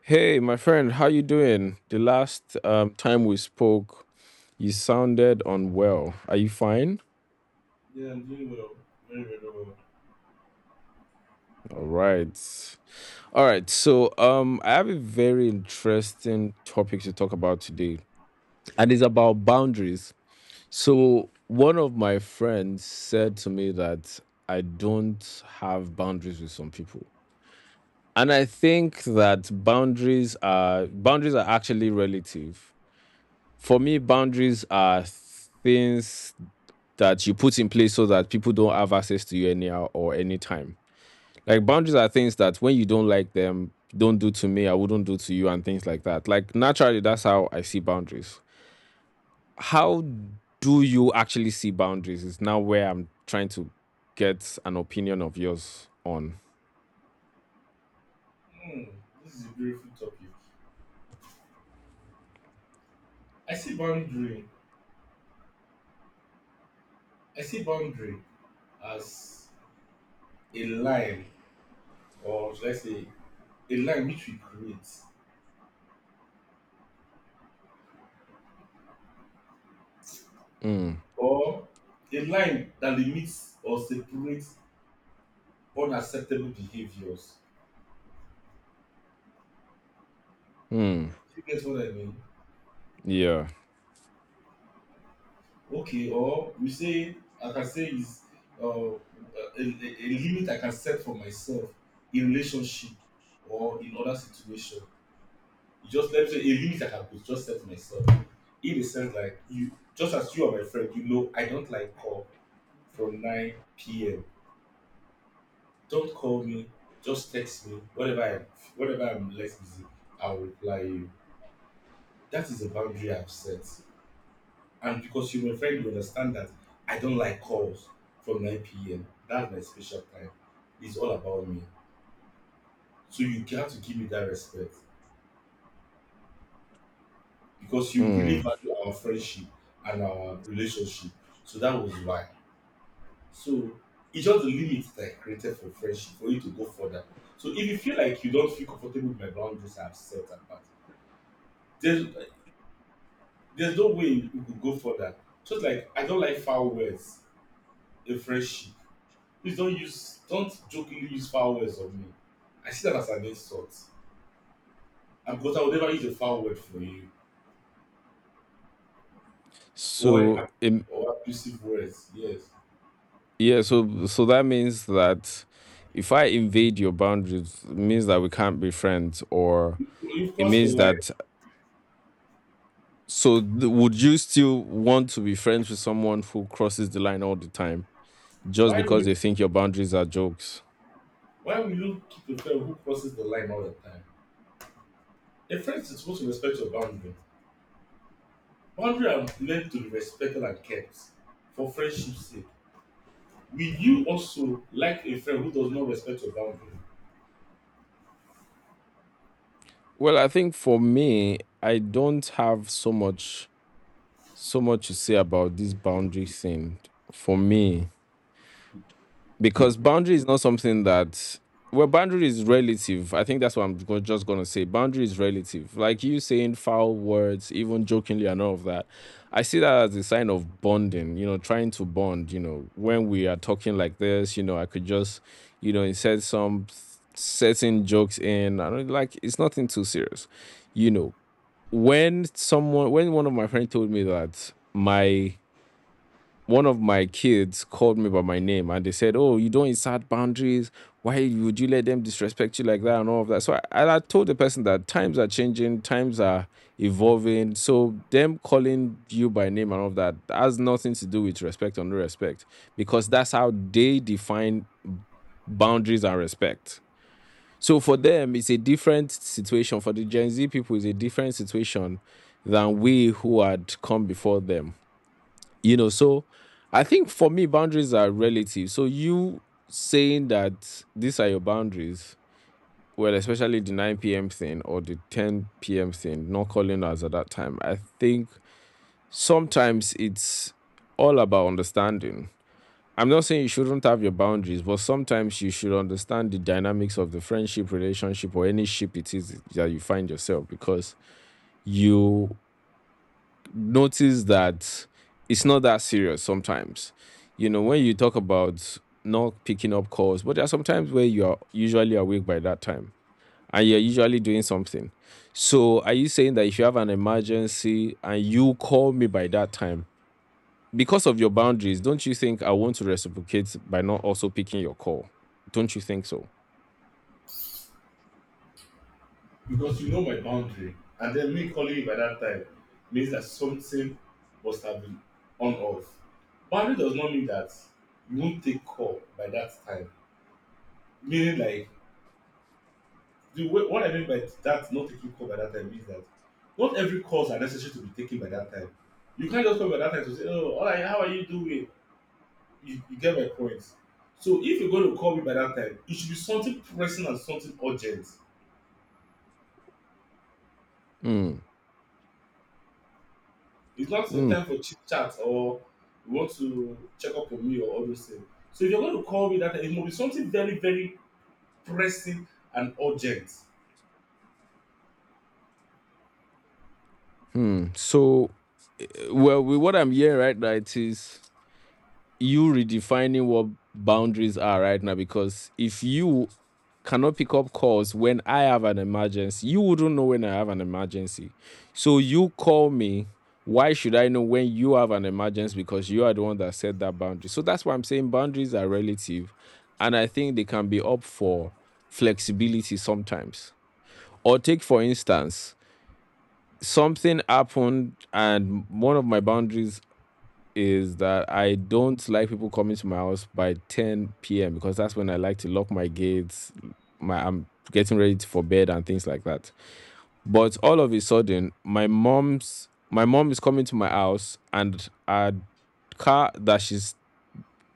Hey, my friend, how you doing? The last time we spoke, you sounded unwell. Are you fine? Yeah, I'm doing well. Very, very well. All right. All right. So, I have a very interesting topic to talk about today, and it's about boundaries. So, one of my friends said to me that I don't have boundaries with some people. And I think that boundaries are actually relative. For me, boundaries are things that you put in place so that people don't have access to you anyhow or anytime. Like boundaries are things that when you don't like them, don't do to me, I wouldn't do to you, and things like that. Like naturally, that's how I see boundaries. How do you actually see boundaries? Is now where I'm trying to get an opinion of yours on. Hmm, this is a beautiful topic. I see boundary. I see boundary as a line, or should I say, a line which we create, Mm. or a line that limits or separates unacceptable behaviors. Mm. You get what I mean? Yeah. Okay, or we say, I can say, is uh, a, a, a limit I can set for myself in relationship or in other situations. You just let me say a limit I can just set myself. In the sense like you just as you are my friend, you know I don't like call from 9 p.m. Don't call me, just text me. Whatever I'm less busy, I'll reply you. That is a boundary I've set. And because you're my friend, you understand that I don't like calls from 9 p.m. That's my special time. It's all about me. So you have to give me that respect because you really value our friendship and our relationship. So that was why. So it's just the limits that I created for friendship for you to go further. So if you feel like you don't feel comfortable with my boundaries I have set and that, there's there's no way you could go further. Just like I don't like foul words in friendship. Please don't jokingly use foul words on me. I see that as an insult. And because I would never use a foul word for you. Or So ab- or abusive words, yes. yeah, so that means that if I invade your boundaries, it means that we can't be friends, or You've it crossed the means line. that would you still want to be friends with someone who crosses the line all the time just Why will because you they think your boundaries are jokes? why will you keep a friend who crosses the line all the time? A friend is supposed to respect your boundary. Boundary are meant to be respected and kept for friendship's sake. Will you also like a friend who does not respect your boundary? Well, I think for me, I don't have so much to say about this boundary thing. For me, because boundary is not something that, well, boundary is relative. I think that's what I'm just going to say. Boundary is relative. Like, you saying foul words even jokingly and all of that, I see that as a sign of bonding, trying to bond. You know, when we are talking like this, I could just, insert some certain jokes in. I don't like, it's nothing too serious, you know when someone, when one of my friends told me that my one of my kids called me by my name, and they said, "Oh, you don't insert boundaries. Why would you let them disrespect you like that and all of that?" And I told the person that times are changing, times are evolving. So them calling you by name and all of that has nothing to do with respect or no respect, because that's how they define boundaries and respect. So for them, it's a different situation. For the Gen Z people, it's a different situation than we who had come before them. So I think for me, boundaries are relative. So you saying that these are your boundaries, well, especially the 9 p.m thing or the 10 p.m thing, not calling us at that time. I think sometimes it's all about understanding. I'm not saying you shouldn't have your boundaries, but sometimes you should understand the dynamics of the friendship, relationship, or any ship it is that you find yourself, because you notice that it's not that serious sometimes. You know, when you talk about not picking up calls, but there are sometimes where you are usually awake by that time and you're usually doing something. So, are you saying that if you have an emergency and you call me by that time, because of your boundaries, don't you think I want to reciprocate by not also picking your call? Don't you think so? Because you know my boundary, and then me calling you by that time means that something must have been on off. Boundary does not mean that you won't take call by that time. Meaning, like, the way, what I mean by that, not taking call by that time, means that not every calls are necessary to be taken by that time. You can't just call by that time to say, "Oh, all right, how are you doing?" You get my point. So if you're going to call me by that time, it should be something pressing and something urgent. Mm. It's not the Mm. time for chit chat or you want to check up on me or all those things. So if you're going to call me that time, it must be something very, very pressing and urgent. Mm. So, well, with what I'm hearing right now, it is you redefining what boundaries are right now, because if you cannot pick up calls when I have an emergency, you wouldn't know when I have an emergency. So you call me. Why should I know when you have an emergency? Because you are the one that set that boundary. So that's why I'm saying boundaries are relative. And I think they can be up for flexibility sometimes. Or take, for instance, something happened and one of my boundaries is that I don't like people coming to my house by 10 p.m. because that's when I like to lock my gates. My I'm getting ready for bed and things like that. But all of a sudden, my mom is coming to my house, and a car that she's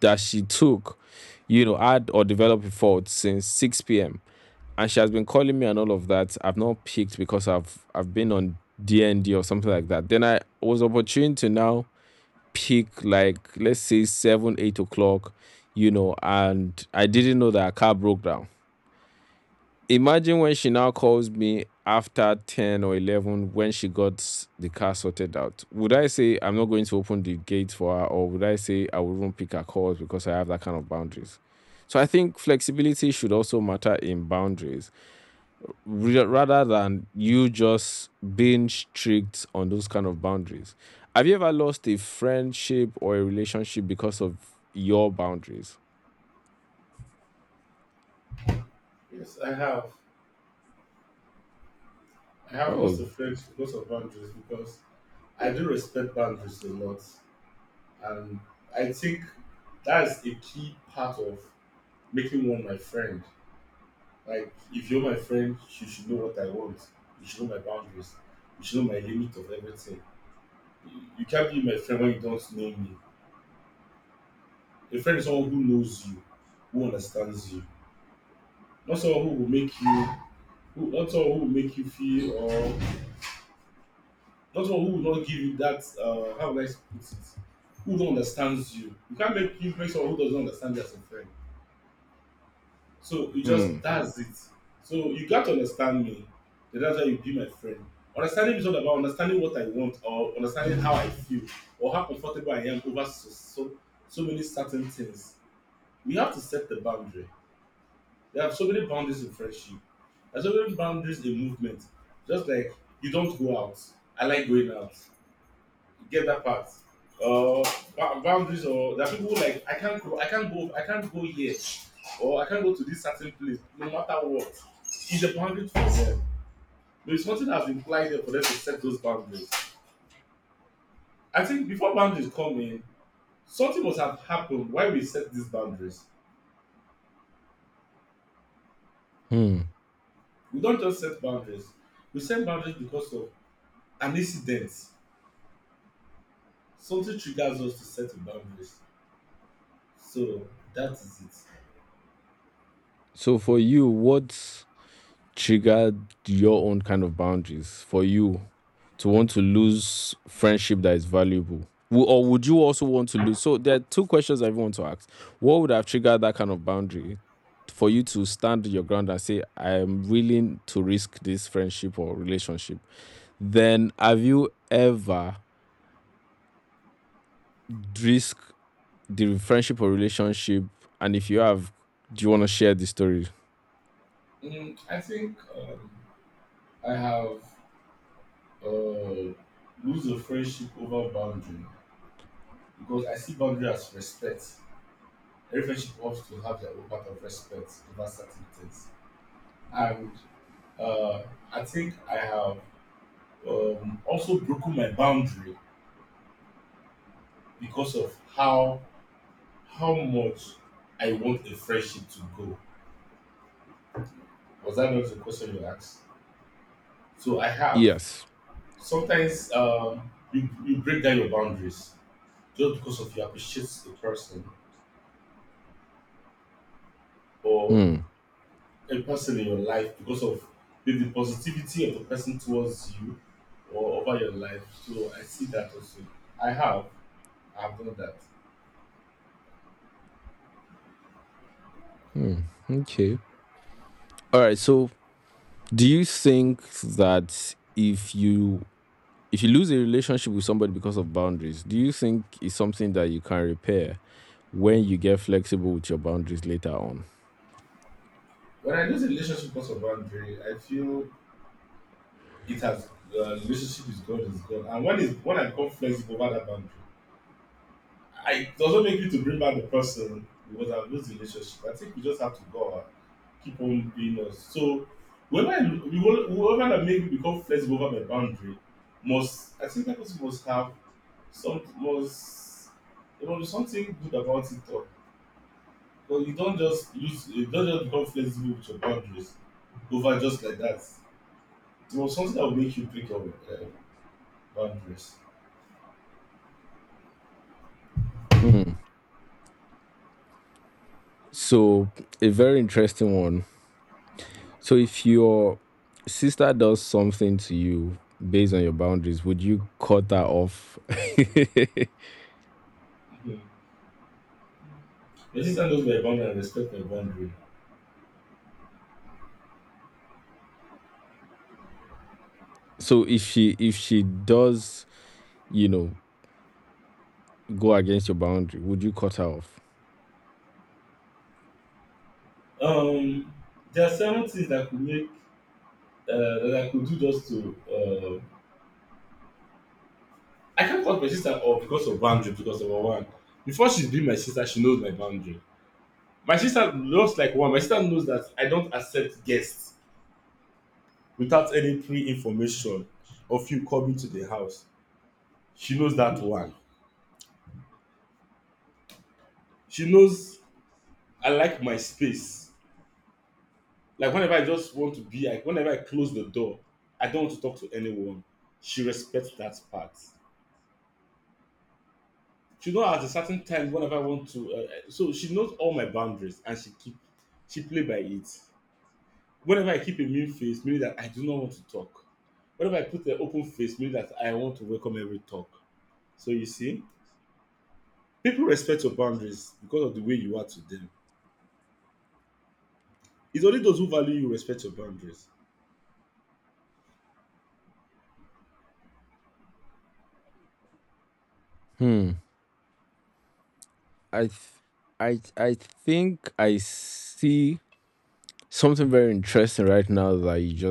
that she took, you know, had or developed a fault since 6 p.m. And she has been calling me and all of that. I've not picked because I've been on DND or something like that. Then I was opportune to now peak, like, let's say 7, 8 o'clock, and I didn't know that her car broke down. Imagine when she now calls me after 10 or 11, when she got the car sorted out. Would I say I'm not going to open the gate for her, or would I say I wouldn't pick her calls because I have that kind of boundaries? So I think flexibility should also matter in boundaries, rather than you just being strict on those kind of boundaries. Have you ever lost a friendship or a relationship because of your boundaries? Yes, I have. I have lots Oh. of friends with lots of boundaries because I do respect boundaries a lot. And I think that's a key part of making one my friend. Like, if you're my friend, you should know what I want. You should know my boundaries. You should know my limit of everything. You can't be my friend when you don't know me. A friend is someone who knows you, who understands you, not someone who will make you, who, not someone who will make you feel, or not someone who will not give you that. How would I put it? Who don't understands you? You can't make you make someone who doesn't understand you as a friend. So you just Hmm. that's it. So you got to understand me. Then that's why you be my friend. Understanding is not about understanding what I want or understanding how I feel or how comfortable I am over so many certain things. We have to set the boundary. There are so many boundaries in friendship. There are so many boundaries in movement. Just like you don't go out. I like going out get that part. Uh, boundaries or there are people who like I can't go, I can't go, I can't go here, or I can't go to this certain place, no matter what. It's a boundary for them. There is nothing that's implied there for them to set those boundaries. I think before boundaries come in, something must have happened why we set these boundaries. Hmm. We don't just set boundaries. We set boundaries because of an incident. Something triggers us to set the boundaries. So that is So for you, what triggered your own kind of boundaries for you to want to lose friendship that is valuable? Or would you also want to lose? So there are two questions I even want to ask. What would have triggered that kind of boundary for you to stand your ground and say, I am willing to risk this friendship or relationship? Then have you ever risked the friendship or relationship? And if you have, do you want to share the story? it. I think I have uh, lose a friendship over boundary because I see boundary as respect. Every friendship wants to have their own part of respect over certain things. And uh, I think I have also broken my boundary because of how much I want a friendship to go. Was that not the question you asked? So I have. Yes. Sometimes you break down your boundaries just because of you appreciate the person or Hmm. a person in your life because of the positivity of the person towards you or over your life. So I see that also. I have, I've done that. Okay. All right. So, do you think that if you lose a relationship with somebody because of boundaries, do you think it's something that you can repair when you get flexible with your boundaries later on? When I lose a relationship because of boundary, I feel it has the relationship is gone, is gone. And when is when I come flexible over that boundary, it doesn't make me to bring back the person because I've lost the relationship. I think we just have to go keep on doing us. So whoever whoever that make me become flexible over my boundary must I think that person must have some must there must be something good about it all. But you don't just become flexible with your boundaries over just like that. There must something that will make you break your boundaries. So, a very interesting one. So, if your sister does something to you based on your boundaries, would you cut that off? Mm-hmm. Resistance goes by a boundary and respect my boundary. So, if she does, you know, go against your boundary, would you cut her off? Um there are seven things that could make that I could do just to I can't call my sister off because of boundary. Because of one, before she's been my sister, she knows my boundary. My sister knows like one. My sister knows that I don't accept guests without any pre information of you coming to the house. She knows that one. She knows I like my space. Like whenever I just want to be, like whenever I close the door, I don't want to talk to anyone. She respects that part. She knows at a certain time whenever I want to. So she knows all my boundaries and she play by it. Whenever I keep a mean face, meaning that I do not want to talk. Whenever I put an open face, meaning that I want to welcome every talk. So you see, people respect your boundaries because of the way you are to them. It's only those who value you respect your boundaries. Hmm. I th- I think I see something very interesting right now that you just